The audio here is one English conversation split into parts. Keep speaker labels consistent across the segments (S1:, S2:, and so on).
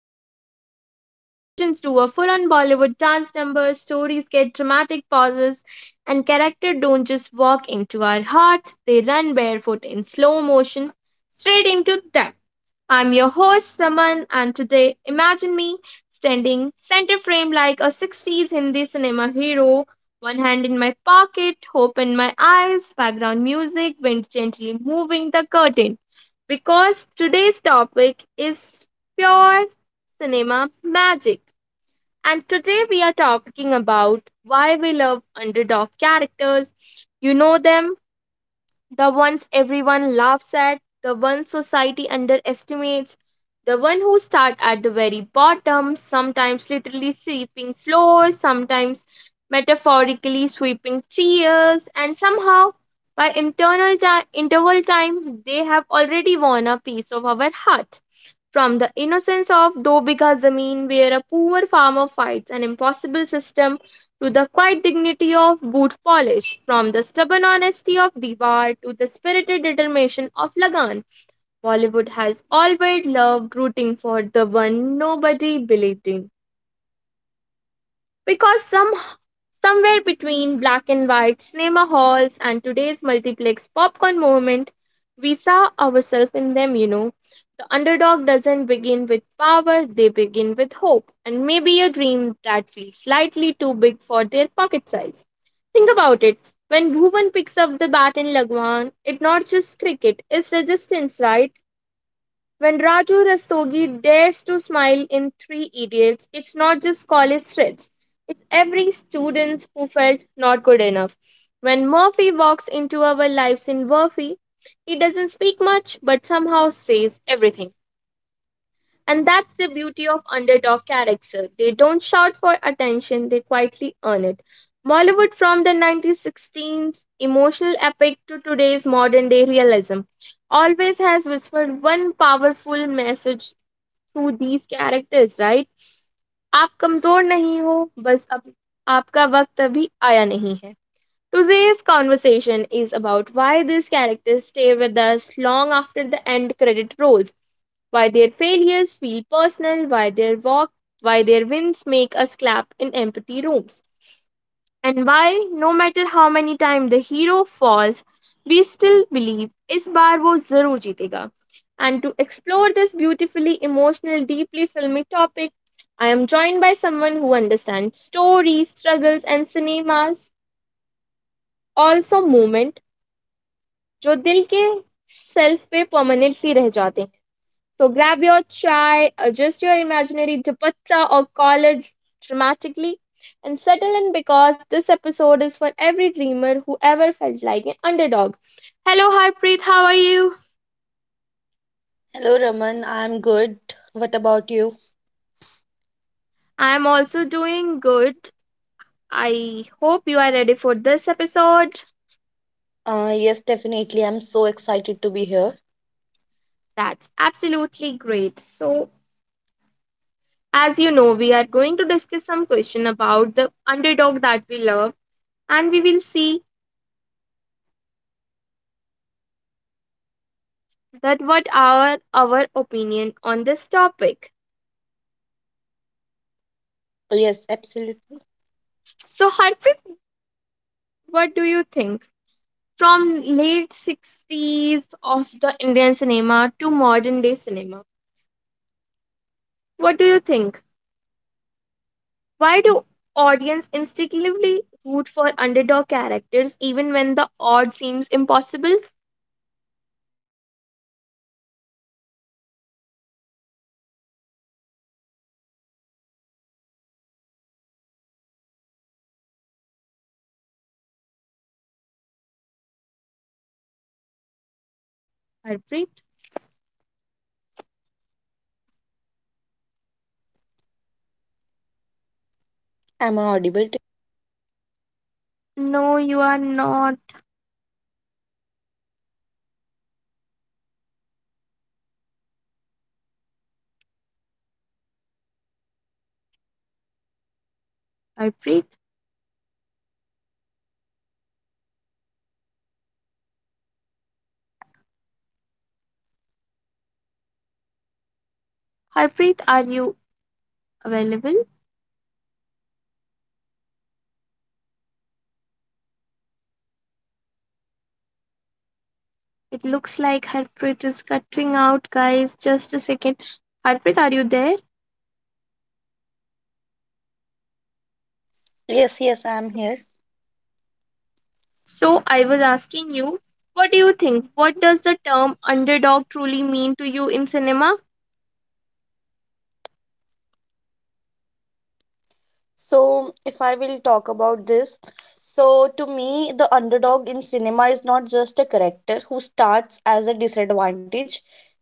S1: another episode where emotions do a full on Bollywood dance number, stories get dramatic pauses, and characters don't just walk into our hearts, they run barefoot in slow motion straight into them. I'm your host Raman, and today imagine me standing center frame like a 60s Hindi cinema hero, one hand in my pocket, hope in my eyes, background music, wind gently moving the curtain. Because today's topic is pure cinema magic. And today we are talking about why we love underdog characters. You know them, the ones everyone laughs at, the ones society underestimates, the one who start at the very bottom, sometimes literally sweeping floors, sometimes metaphorically sweeping chairs, and somehow by interval time they have already won a piece of our heart. From the innocence of Do Bigha Zameen, where a poor farmer fights an impossible system, to the quiet dignity of boot polish, from the stubborn honesty of Diwar to the spirited determination of Lagan, Bollywood has always loved rooting for the one nobody believed in. Because somehow somewhere between black and white cinema halls and today's multiplex popcorn movement, we saw ourselves in them, you know. The underdog doesn't begin with power, they begin with hope and maybe a dream that feels slightly too big for their pocket size. Think about it. When Bhuvan picks up the bat in Lagwan, it's not just cricket, it's resistance, right? When Raju Rastogi dares to smile in Three Idiots, it's not just college threats. It's every student who felt not good enough. When Murphy walks into our lives in Murphy, he doesn't speak much but somehow says everything. And that's the beauty of underdog character. They don't shout for attention, they quietly earn it. Bollywood, from the 1916's emotional epic to today's modern day realism, always has whispered one powerful message to these characters, right? आप कमजोर नहीं हो, बस अब आपका वक्त अभी आया नहीं है. Today's conversation is about why these characters stay with us long after the end credit rolls, why their failures feel personal, why their walk, why their wins make us clap in empty rooms, and why, no matter how many times the hero falls, we still believe इस बार wo जरूर जीतेगा. And to explore this beautifully emotional, deeply filmy topic, I am joined by someone who understands stories, struggles, and cinema's also moment जो दिल के self पे permanently रह जाते हैं. So grab your chai, adjust your imaginary dupatta or collar dramatically, and settle in because this episode is for every dreamer who ever felt like an underdog. Hello, Harpreet, how are you?
S2: Hello, Raman. I'm good. What about you?
S1: I'm also doing good. I hope you are ready for this episode.
S2: Yes, definitely. I'm so excited to be here.
S1: That's absolutely great. So, as you know, we are going to discuss some question about the underdog that we love, and we will see that what are our opinion on this topic.
S2: Yes, absolutely.
S1: So, Harpreet, what do you think? From late 60s of the Indian cinema to modern day cinema, what do you think? Why do audience instinctively root for underdog characters even when the odds seems impossible? Harpreet?
S2: Am I audible?
S1: No, you are not. Harpreet? Harpreet, are you available? It looks like Harpreet is cutting out, guys. Just a second. Harpreet, are you there?
S2: Yes, I'm here.
S1: So I was asking you, what do you think? What does the term underdog truly mean to you in cinema?
S2: So, if I will talk about this, so to me, the underdog in cinema is not just a character who starts as a disadvantage,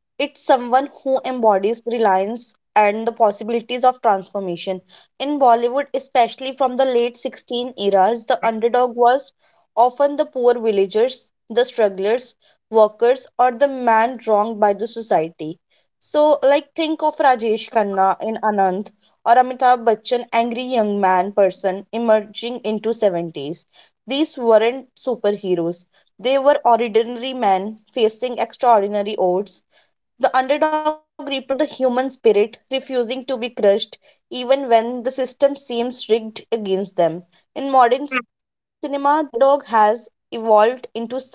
S2: it's someone who embodies reliance and the possibilities of transformation. In Bollywood, especially from the late 16 eras, the underdog was often the poor villagers, the strugglers, workers, or the man wronged by the society. So, like, think of Rajesh Khanna in Anand or Amitabh Bachchan angry young man person emerging into 70s. These weren't superheroes. They were ordinary men facing extraordinary odds. The underdog represents the human spirit refusing to be crushed even when the system seems rigged against them. In modern cinema, the underdog has evolved into some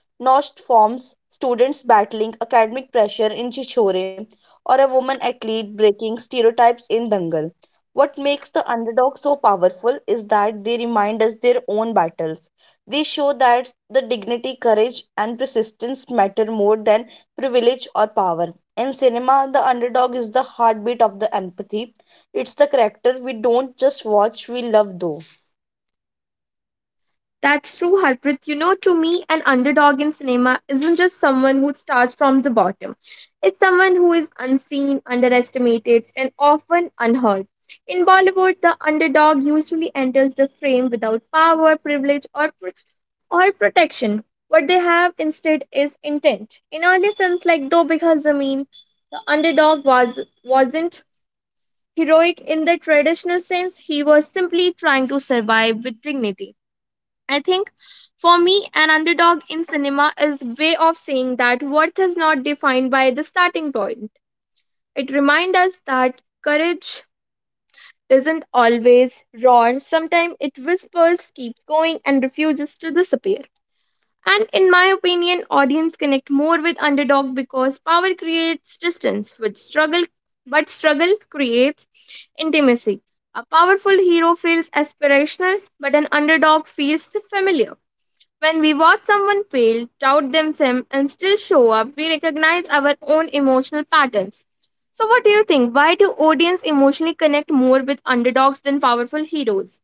S2: Nost forms students battling academic pressure in Chichore or a woman athlete breaking stereotypes in Dangal. What makes the underdog so powerful is that they remind us their own battles. They show that the dignity, courage, and persistence matter more than privilege or power. In cinema, the underdog is the heartbeat of the empathy. It's the character we don't just watch, we love, though.
S1: That's true, Harpreet. You know, to me, an underdog in cinema isn't just someone who starts from the bottom. It's someone who is unseen, underestimated, and often unheard. In Bollywood, the underdog usually enters the frame without power, privilege, or protection. What they have instead is intent. In early films like Dobikha Zameen, the underdog was wasn't heroic in the traditional sense. He was simply trying to survive with dignity. I think for me, an underdog in cinema is way of saying that worth is not defined by the starting point. It reminds us that courage doesn't always roar. Sometimes it whispers, keeps going, and refuses to disappear. And in my opinion, audience connect more with underdog because power creates distance, which struggle but struggle creates intimacy. A powerful hero feels aspirational, but an underdog feels familiar. When we watch someone fail, doubt themselves, and still show up, we recognize our own emotional patterns. So, what do you think? Why do audience emotionally connect more with underdogs than powerful heroes?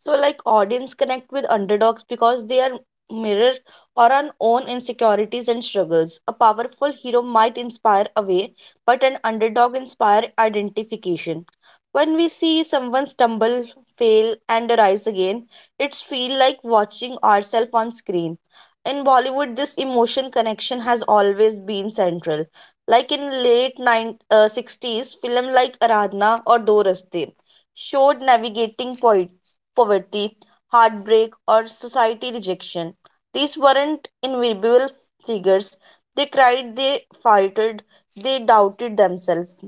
S2: So, like, audience connect with underdogs because they are mirror or on own insecurities and struggles. A powerful hero might inspire away, but an underdog inspire identification. When we see someone stumble, fail, and rise again, it's feel like watching ourselves on screen. In Bollywood, this emotion connection has always been central. Like in late 9, 60s, film like Aradhna or Do Raste showed navigating poverty, heartbreak, or society rejection. These weren't invisible figures. They cried, they faltered, they doubted themselves.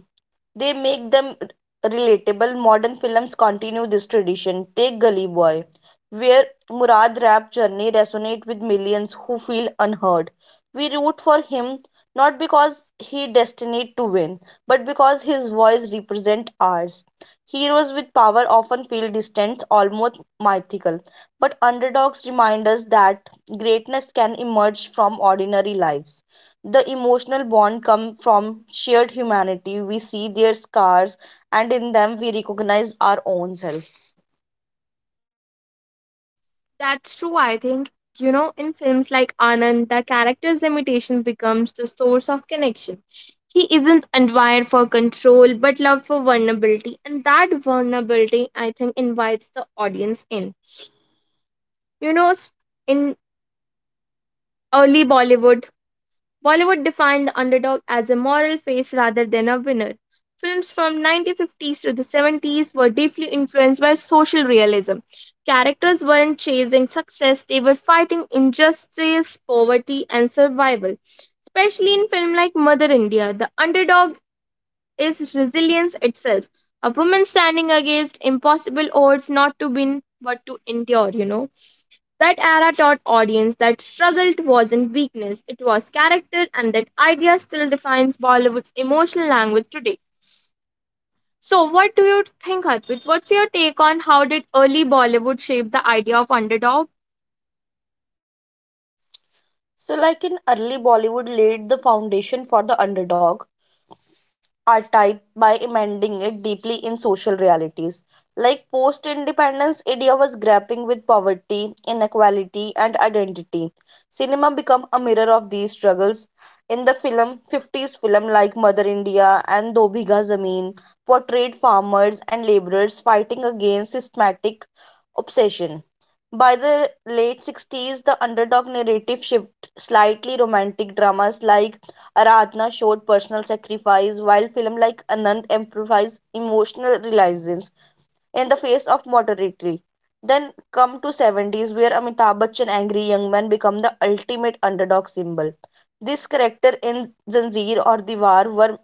S2: They make them relatable. Modern films continue this tradition. Take Gully Boy, where Murad rap journey resonate with millions who feel unheard. We root for him not because he destined to win, but because his voice represent ours. Heroes with power often feel distant, almost mythical, but underdogs remind us that greatness can emerge from ordinary lives. The emotional bond come from shared humanity. We see their scars, and in them we recognize our own selves.
S1: That's true, I think. You know, in films like Anand, the character's limitation becomes the source of connection. He isn't admired for control, but loved for vulnerability. And that vulnerability, I think, invites the audience in. You know, s- in early Bollywood, Bollywood defined the underdog as a moral face rather than a winner. Films from 1950s to the 70s were deeply influenced by social realism. Characters weren't chasing success, they were fighting injustice, poverty, and survival. Especially in film like Mother India, the underdog is resilience itself. A woman standing against impossible odds not to win but to endure, you know. That era taught audience that struggle wasn't weakness, it was character, and that idea still defines Bollywood's emotional language today. So, what do you think, Harpreet? What's your take on how did early Bollywood shape the idea of underdog?
S2: So, like in early Bollywood laid the foundation for the underdog. Are typed by embedding it deeply in social realities. Like post independence, India was grappling with poverty, inequality, and identity. Cinema became a mirror of these struggles. In the film, 50s film like Mother India and Do Bhiga Zameen portrayed farmers and laborers fighting against systematic obsession. By the late 60s, the underdog narrative shift slightly romantic dramas like Aradhna showed personal sacrifice, while film like Anand emphasized emotional resilience in the face of modernity. Then come to 70s, where Amitabh Bachchan angry young man become the ultimate underdog symbol. This character in Zanjeer or Diwar were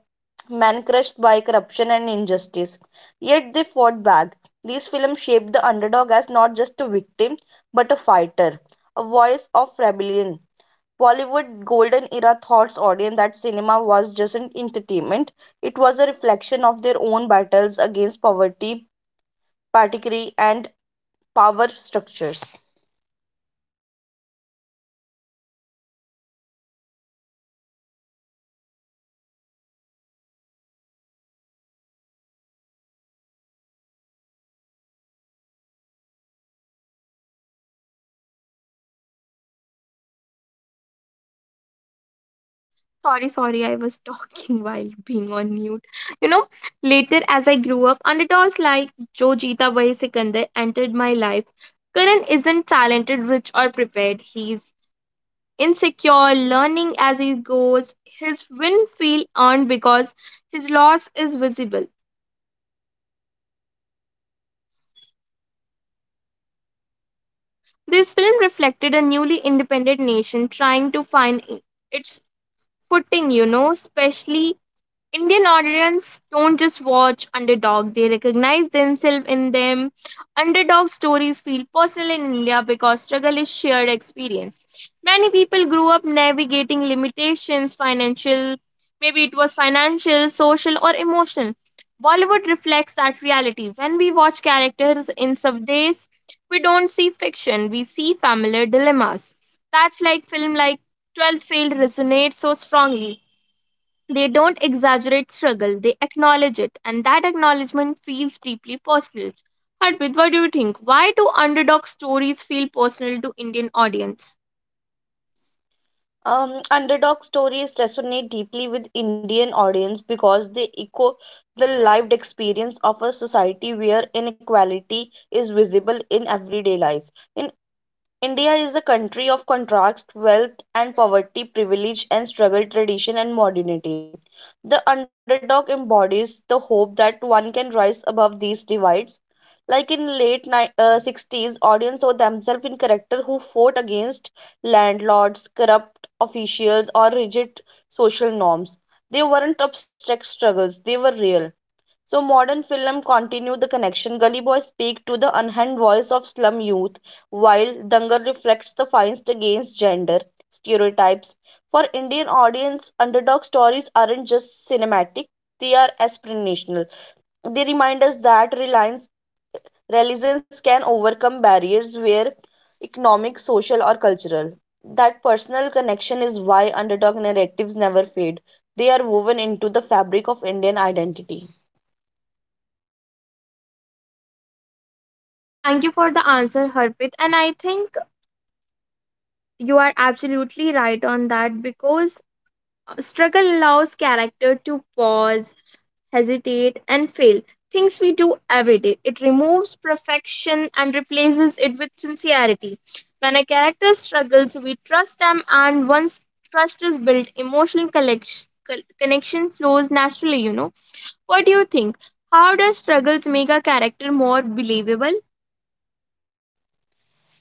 S2: men crushed by corruption and injustice, yet they fought back. These films shaped the underdog as not just a victim, but a fighter, a voice of rebellion. Bollywood golden era thoughts audience that cinema was just an entertainment. It was a reflection of their own battles against poverty, particularly and power structures.
S1: Sorry, sorry, I was talking while being on mute. You know, later as I grew up, underdogs like Jo Jeeta Bhai Sikandar entered my life. Karan isn't talented, rich, or prepared. He's insecure, learning as he goes. His win feel earned because his loss is visible. This film reflected a newly independent nation trying to find its footing, you know, especially Indian audience don't just watch underdog, they recognize themselves in them. Underdog stories feel personal in India because struggle is shared experience. Many people grew up navigating limitations, financial, maybe it was financial, social, or emotional. Bollywood reflects that reality. When we watch characters in subdays, we don't see fiction, we see familiar dilemmas. That's like film like 12 Failed resonates so strongly they don't exaggerate struggle, they acknowledge it, and that acknowledgement feels deeply personal. Harbit, what do you think? Why do underdog stories feel personal to Indian audience?
S2: Underdog stories resonate deeply with Indian audience because they echo the lived experience of a society where inequality is visible in everyday life. In India is a country of contrast, wealth and poverty, privilege and struggle, tradition and modernity. The underdog embodies the hope that one can rise above these divides. Like in late 60s, audience saw themselves in characters who fought against landlords, corrupt officials, or rigid social norms. They weren't abstract struggles; they were real. So modern film continue the connection. Gully Boy speak to the unhand voice of slum youth, while Dangar reflects the fights against gender stereotypes. For Indian audience, underdog stories aren't just cinematic; they are aspirational. They remind us that reliance, resilience can overcome barriers where economic, social, or cultural. That personal connection is why underdog narratives never fade. They are woven into the fabric of Indian identity.
S1: Thank you for the answer, Harpreet. And I think you are absolutely right on that because struggle allows character to pause, hesitate, and fail. Things we do every day. It removes perfection and replaces it with sincerity. When a character struggles, we trust them, and once trust is built, connection flows naturally, you know. What do you think? How does struggles make a character more believable?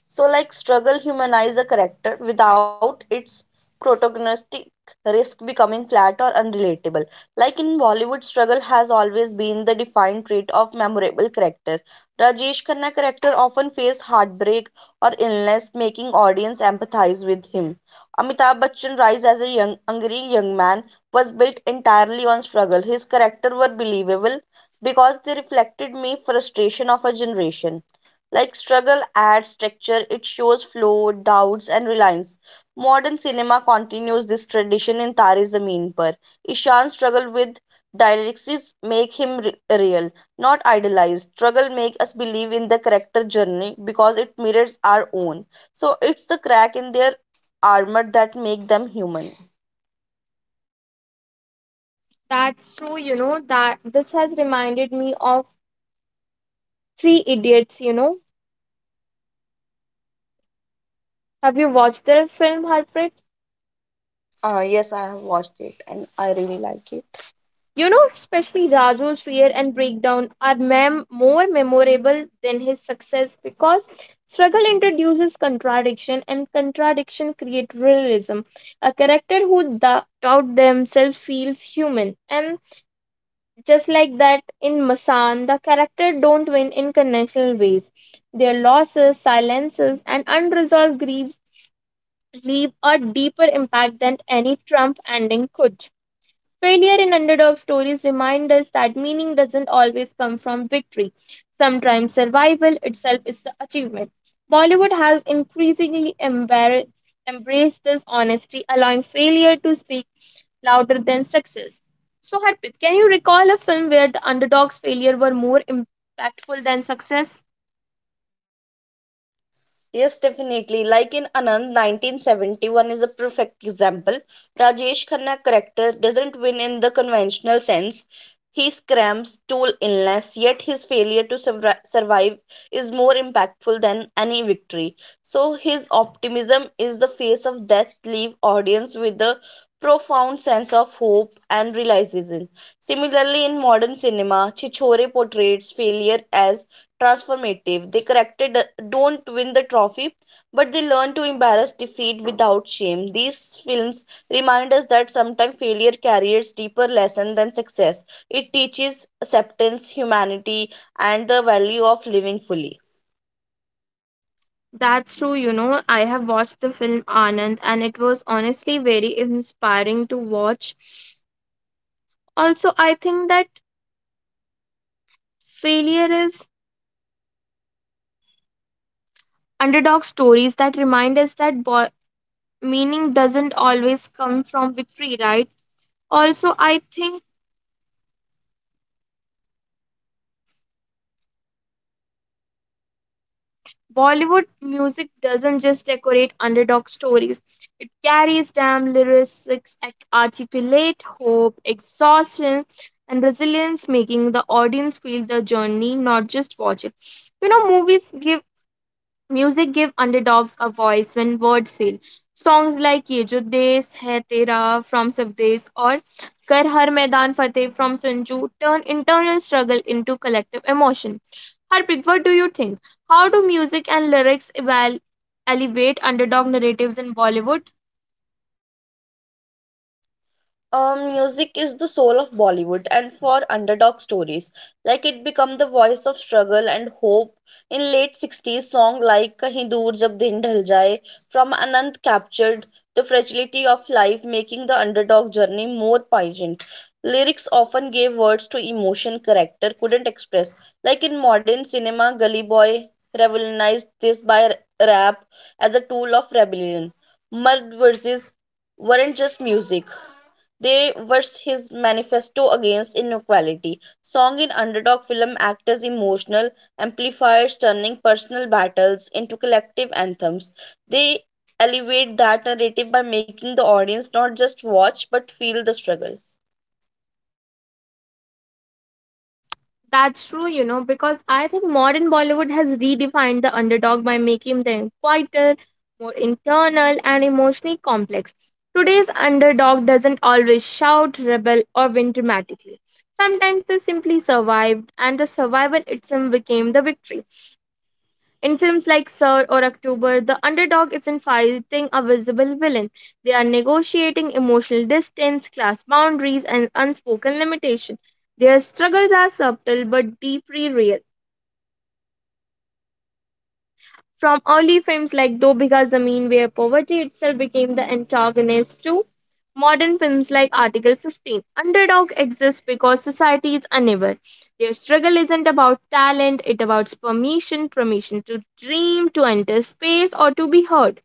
S2: So, like, struggle humanize a character without its protagonistic risk becoming flat or unrelatable. Like in Bollywood, struggle has always been the defined trait of memorable character. Rajesh Khanna character often faced heartbreak or illness, making audience empathize with him. Amitabh Bachchan rise as a young, angry young man was built entirely on struggle. His character were believable because they reflected me frustration of a generation. Like struggle adds texture, it shows flow, doubts, and reliance. Modern cinema continues this tradition in Tare Zameen Par. Ishan's struggle with dialectics make him real, not idealized. Struggle make us believe in the character journey because it mirrors our own. So it's the crack in their armor that make them human.
S1: That's true, you know, that this has reminded me of Three Idiots, you know. Have you watched the film, Harpreet?
S2: Yes, I have watched it and I really like it.
S1: You know, especially Rajo's fear and breakdown are more memorable than his success because struggle introduces contradiction and contradiction creates realism. A character who doubt themselves feels human. And just like that in Masan, the character don't win in conventional ways. Their losses, silences, and unresolved griefs leave a deeper impact than any Trump ending could. Failure in underdog stories remind us that meaning doesn't always come from victory. Sometimes survival itself is the achievement. Bollywood has increasingly embraced this honesty, allowing failure to speak louder than success. So, Harpreet, can you recall a film where the underdog's failure were more impactful than success?
S2: Yes, definitely. Like in Anand, 1971 is a perfect example. Rajesh Khanna character doesn't win in the conventional sense. He scrams tool illness, yet his failure to survive is more impactful than any victory. So his optimism is the face of death leave audience with a profound sense of hope and realization. Similarly, in modern cinema, Chichore portrays failure as transformative. They corrected don't win the trophy, but they learn to embrace defeat without shame. These films remind us that sometimes failure carries deeper lesson than success. It teaches acceptance, humanity, and the value of living fully.
S1: That's true, you know. I have watched the film Anand, and it was honestly very inspiring to watch. Also, I think that failure is underdog stories that remind us that meaning doesn't always come from victory, right? Also, I think Bollywood music doesn't just decorate underdog stories, it carries damn lyrics, articulate hope, exhaustion, and resilience, making the audience feel the journey, not just watch it. You know, movies give music give underdogs a voice when words fail. Songs like Ye Jo Desh Hai Tera from Sabdesh or Kar Har Maidan Fateh from Sanju turn internal struggle into collective emotion. Harpreet, what do you think? How do music and lyrics elevate underdog narratives in Bollywood?
S2: Music is the soul of Bollywood and for underdog stories. Like it become the voice of struggle and hope in late 60s song like Kahin Dur Jab Din ढल Jaye from Anant captured the fragility of life making the underdog journey more poignant. Lyrics often gave words to emotion character couldn't express. Like in modern cinema, Gully Boy revolutionized this by rap as a tool of rebellion. Mard verses weren't just music, they were his manifesto against inequality. Song in underdog film act as emotional amplifiers turning personal battles into collective anthems. They elevate that narrative by making the audience not just watch but feel the struggle.
S1: That's true, you know, because I think modern Bollywood has redefined the underdog by making them quieter, more internal, and emotionally complex. Today's underdog doesn't always shout, rebel, or win dramatically. Sometimes they simply survived, and the survival itself became the victory. In films like Sir or October, the underdog isn't fighting a visible villain. They are negotiating emotional distance, class boundaries, and unspoken limitation. Their struggles are subtle but deeply real. From early films like Do Bigha Zameen, where poverty itself became the antagonist, to modern films like Article 15, underdog exists because society is unaware. Their struggle isn't about talent, it about permission, permission to dream, to enter space, or to be heard.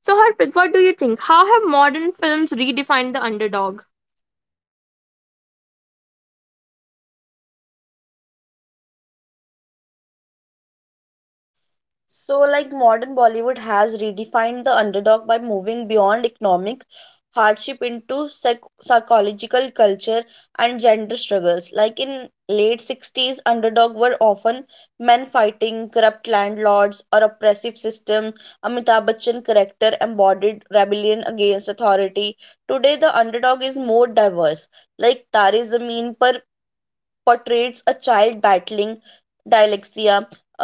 S1: So, Harpreet, what do you think? How have modern films redefined the underdog?
S2: So, like modern Bollywood has redefined the underdog by moving beyond economic hardship into psychological culture and gender struggles. Like in late 60s, underdog were often men fighting corrupt landlords or oppressive system. Amitabh Bachchan character embodied rebellion against authority. Today, the underdog is more diverse. Like Tare Zameen Par portrays a child battling dyslexia,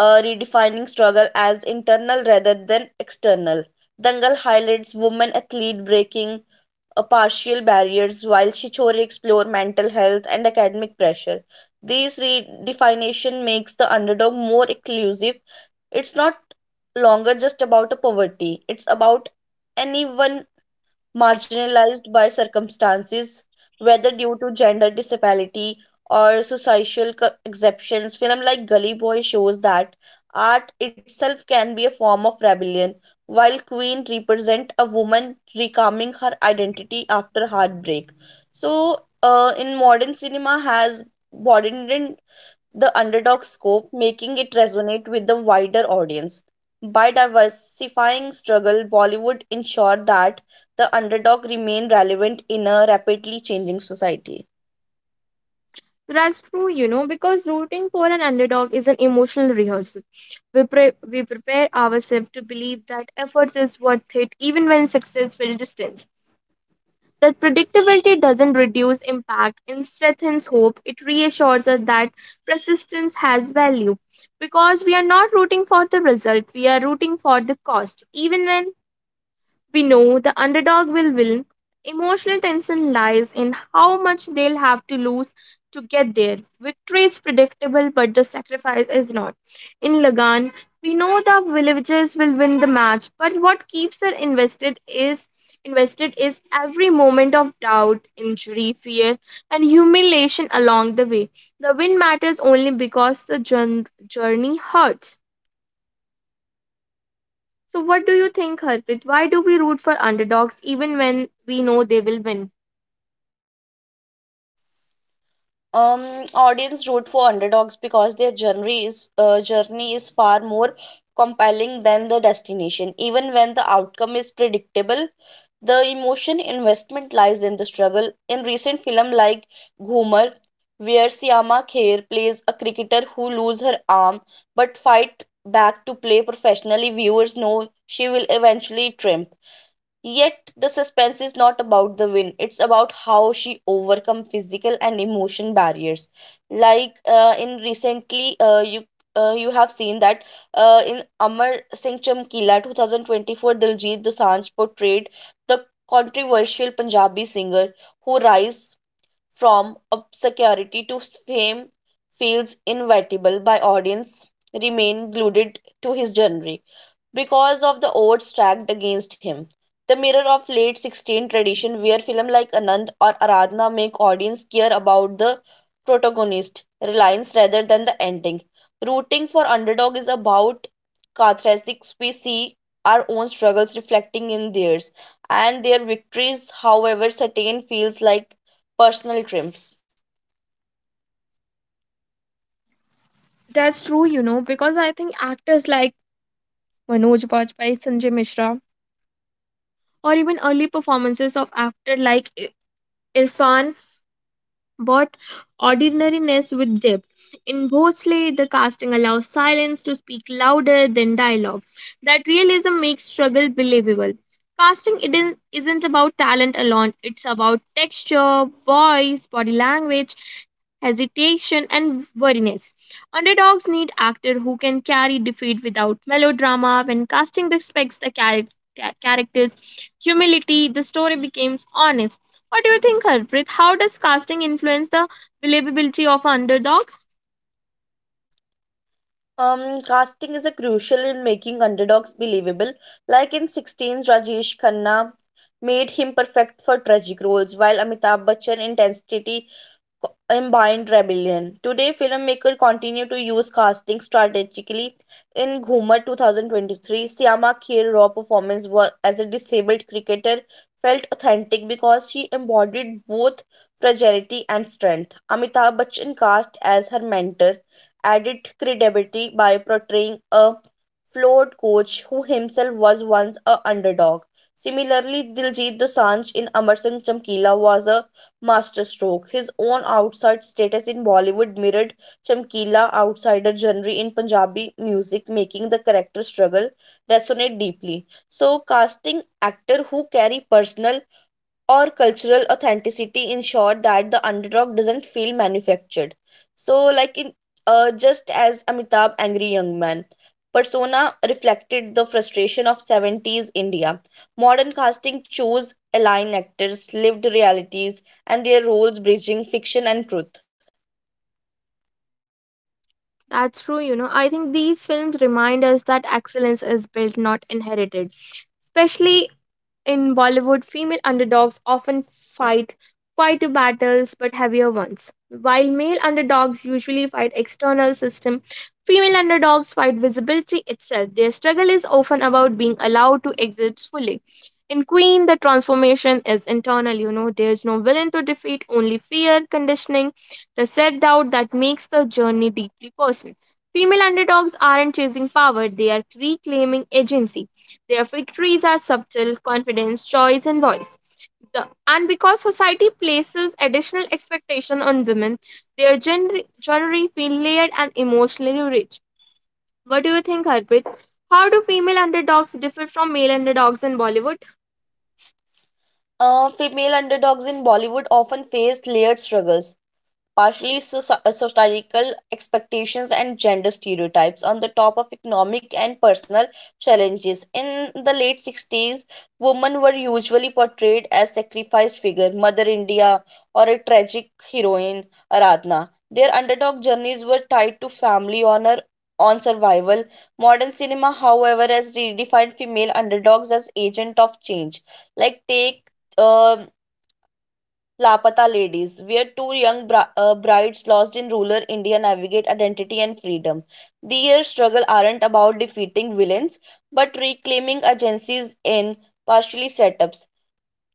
S2: redefining struggle as internal rather than external. Dangal highlights women athlete breaking partial barriers, while Shichori explore mental health and academic pressure. This redefinition makes the underdog more inclusive. It's not longer just about a poverty; it's about anyone marginalized by circumstances, whether due to gender disability or societal exceptions. Film like Gully Boy shows that art itself can be a form of rebellion, while Queen represent a woman reclaiming her identity after heartbreak. So, in modern cinema has broadened the underdog scope, making it resonate with the wider audience. By diversifying struggle, Bollywood ensured that the underdog remained relevant in a rapidly changing society.
S1: That's true, you know, because rooting for an underdog is an emotional rehearsal. We prepare ourselves to believe that effort is worth it even when success will distance. That predictability doesn't reduce impact, it strengthens hope, it reassures us that persistence has value. Because we are not rooting for the result, we are rooting for the cost. Even when we know the underdog will win. Emotional tension lies in how much they'll have to lose to get there. Victory is predictable, but the sacrifice is not. In Lagan, we know the villagers will win the match, but what keeps her invested is every moment of doubt, injury, fear, and humiliation along the way. The win matters only because the journey hurts. So, what do you think, Harpreet? Why do we root for underdogs even when we know they will win?
S2: Um, Audience root for underdogs because their journey is far more compelling than the destination. Even when the outcome is predictable, the emotion investment lies in the struggle. In recent film like Ghumar, where Syama Kher plays a cricketer who loses her arm but fight back to play professionally, viewers know she will eventually triumph. Yet the suspense is not about the win. It's about how she overcome physical and emotion barriers. Like in recently, you have seen that in Amar Singh Chamkila 2024, Diljit Dosanjh portrayed the controversial Punjabi singer who rise from obscurity to fame feels inevitable by audience remain glued to his genre because of the odds stacked against him. The mirror of late 16th tradition where films like Anand or Aradhana make audience care about the protagonist, reliance rather than the ending. Rooting for underdog is about catharsis. We see our own struggles reflecting in theirs, and their victories, however certain, feels like personal triumphs.
S1: That's true, you know, because I think actors like Manoj Bajpayee, Sanjay Mishra, or even early performances of actor like Irfan. But ordinariness with depth. In Bosley, the casting allows silence to speak louder than dialogue. That realism makes struggle believable. Casting isn't about talent alone, it's about texture, voice, body language, hesitation, and wariness. Underdogs need actors who can carry defeat without melodrama. When casting respects the character, character's humility, the story becomes honest. What do you think, Harpreet? How does casting influence the believability of an underdog?
S2: Casting is a crucial in making underdogs believable. Like in 16's, Rajesh Khanna made him perfect for tragic roles, while Amitabh Bachchan intensity combined rebellion. Today, filmmakers continue to use casting strategically. In Ghumar 2023, Syama Kher Raw performance as a disabled cricketer felt authentic because she embodied both fragility and strength. Amitabh Bachchan cast as her mentor added credibility by portraying a flawed coach who himself was once a underdog. Similarly, Diljit Dosanjh in Amar Singh Chamkila was a masterstroke. His own outside status in Bollywood mirrored Chamkila outsider genre in Punjabi music, making the character struggle resonate deeply. So, casting actor who carry personal or cultural authenticity ensure that the underdog doesn't feel manufactured. So, like in just as Amitabh Angry Young Man persona reflected the frustration of 70s India. Modern casting chose align actors, lived realities, and their roles bridging fiction and truth.
S1: That's true, you know. I think these films remind us that excellence is built, not inherited. Especially in Bollywood, female underdogs often fight quieter battles but heavier ones. While male underdogs usually fight external system, female underdogs fight visibility itself. Their struggle is often about being allowed to exist fully. In Queen, the transformation is internal, you know, there's no villain to defeat, only fear, conditioning, the self doubt that makes the journey deeply personal. Female underdogs aren't chasing power, they are reclaiming agency. Their victories are subtle, confidence, choice, and voice. The, and because society places additional expectation on women, their gender journey feel layered and emotionally rich. What do you think, Harpreet? How do female underdogs differ from male underdogs in Bollywood?
S2: Female underdogs in Bollywood often face layered struggles partially societal expectations and gender stereotypes on the top of economic and personal challenges. In the late 60s, women were usually portrayed as sacrificed figure, Mother India or a tragic heroine, Aradhana. Their underdog journeys were tied to family honor on survival. Modern cinema, however, has redefined female underdogs as agent of change. Like take um Lapata Ladies, where 2 young brides lost in rural India navigate identity and freedom. Their struggle aren't about defeating villains, but reclaiming agencies in partially set ups.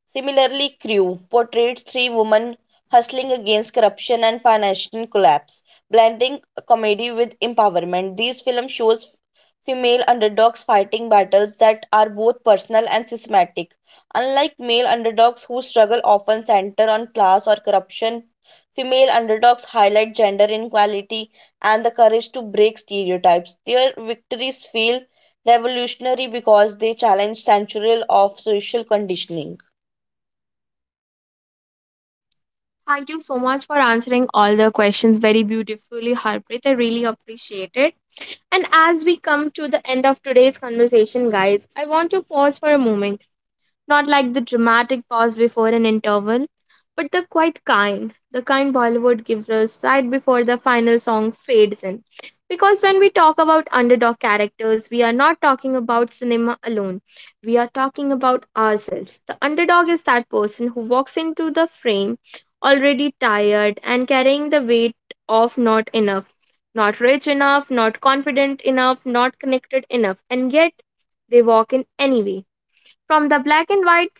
S2: Similarly, Crew portrays three women hustling against corruption and financial collapse, blending comedy with empowerment. These film shows female underdogs fighting battles that are both personal and systematic. Unlike male underdogs who struggle often center on class or corruption, female underdogs highlight gender inequality and the courage to break stereotypes. Their victories feel revolutionary because they challenge centuries of social conditioning.
S1: Thank you so much for answering all the questions very beautifully, Harpreet. I really appreciate it. And as we come to the end of today's conversation, guys, I want to pause for a moment. Not like the dramatic pause before an interval, but the quite kind, the kind Bollywood gives us right before the final song fades in. Because when we talk about underdog characters, we are not talking about cinema alone. We are talking about ourselves. The underdog is that person who walks into the frame already tired and carrying the weight of not enough, not rich enough, not confident enough, not connected enough, and yet they walk in anyway. From the black and white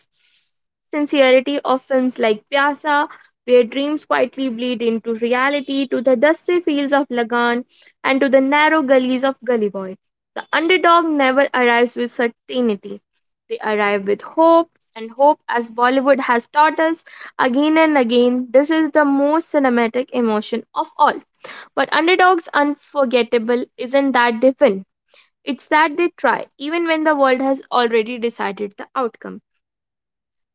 S1: sincerity of films like Pyasa, where dreams quietly bleed into reality, to the dusty fields of Lagan and to the narrow gullies of Gully Boy, the underdog never arrives with certainty. They arrive with hope, and hope, as Bollywood has taught us again and again, this is the most cinematic emotion of all. But underdogs unforgettable isn't that they win. It's that they try, even when the world has already decided the outcome.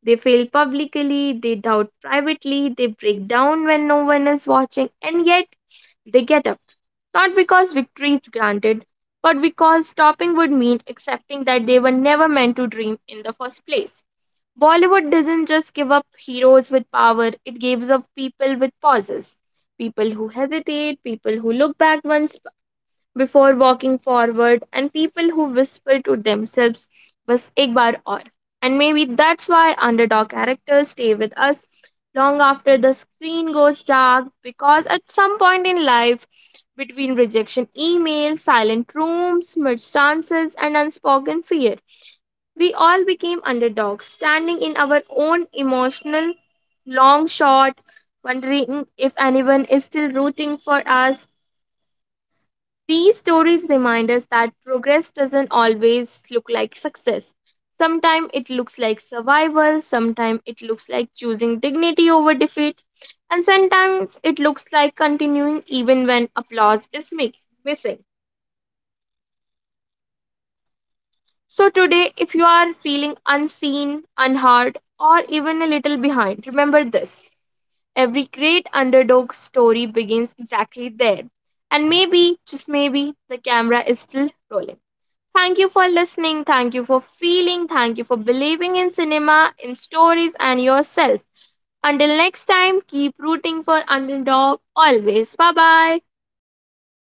S1: They fail publicly, they doubt privately, they break down when no one is watching, and yet they get up. Not because victory is granted, but because stopping would mean accepting that they were never meant to dream in the first place. Bollywood doesn't just give up heroes with power, it gives up people with pauses. People who hesitate, people who look back once before walking forward and people who whisper to themselves बस एक बार और. And maybe that's why underdog characters stay with us long after the screen goes dark because at some point in life, between rejection emails, silent rooms, missed chances, and unspoken fear, we all became underdogs, standing in our own emotional long shot, wondering if anyone is still rooting for us, these stories remind us that progress doesn't always look like success. Sometimes it looks like survival, sometimes it looks like choosing dignity over defeat, and sometimes it looks like continuing even when applause is missing. So, today, if you are feeling unseen, unheard, or even a little behind, remember this every great underdog story begins exactly there. And maybe, just maybe, the camera is still rolling. Thank you for listening. Thank you for feeling. Thank you for believing in cinema, in stories, and yourself. Until next time, keep rooting for Underdog always. Bye bye.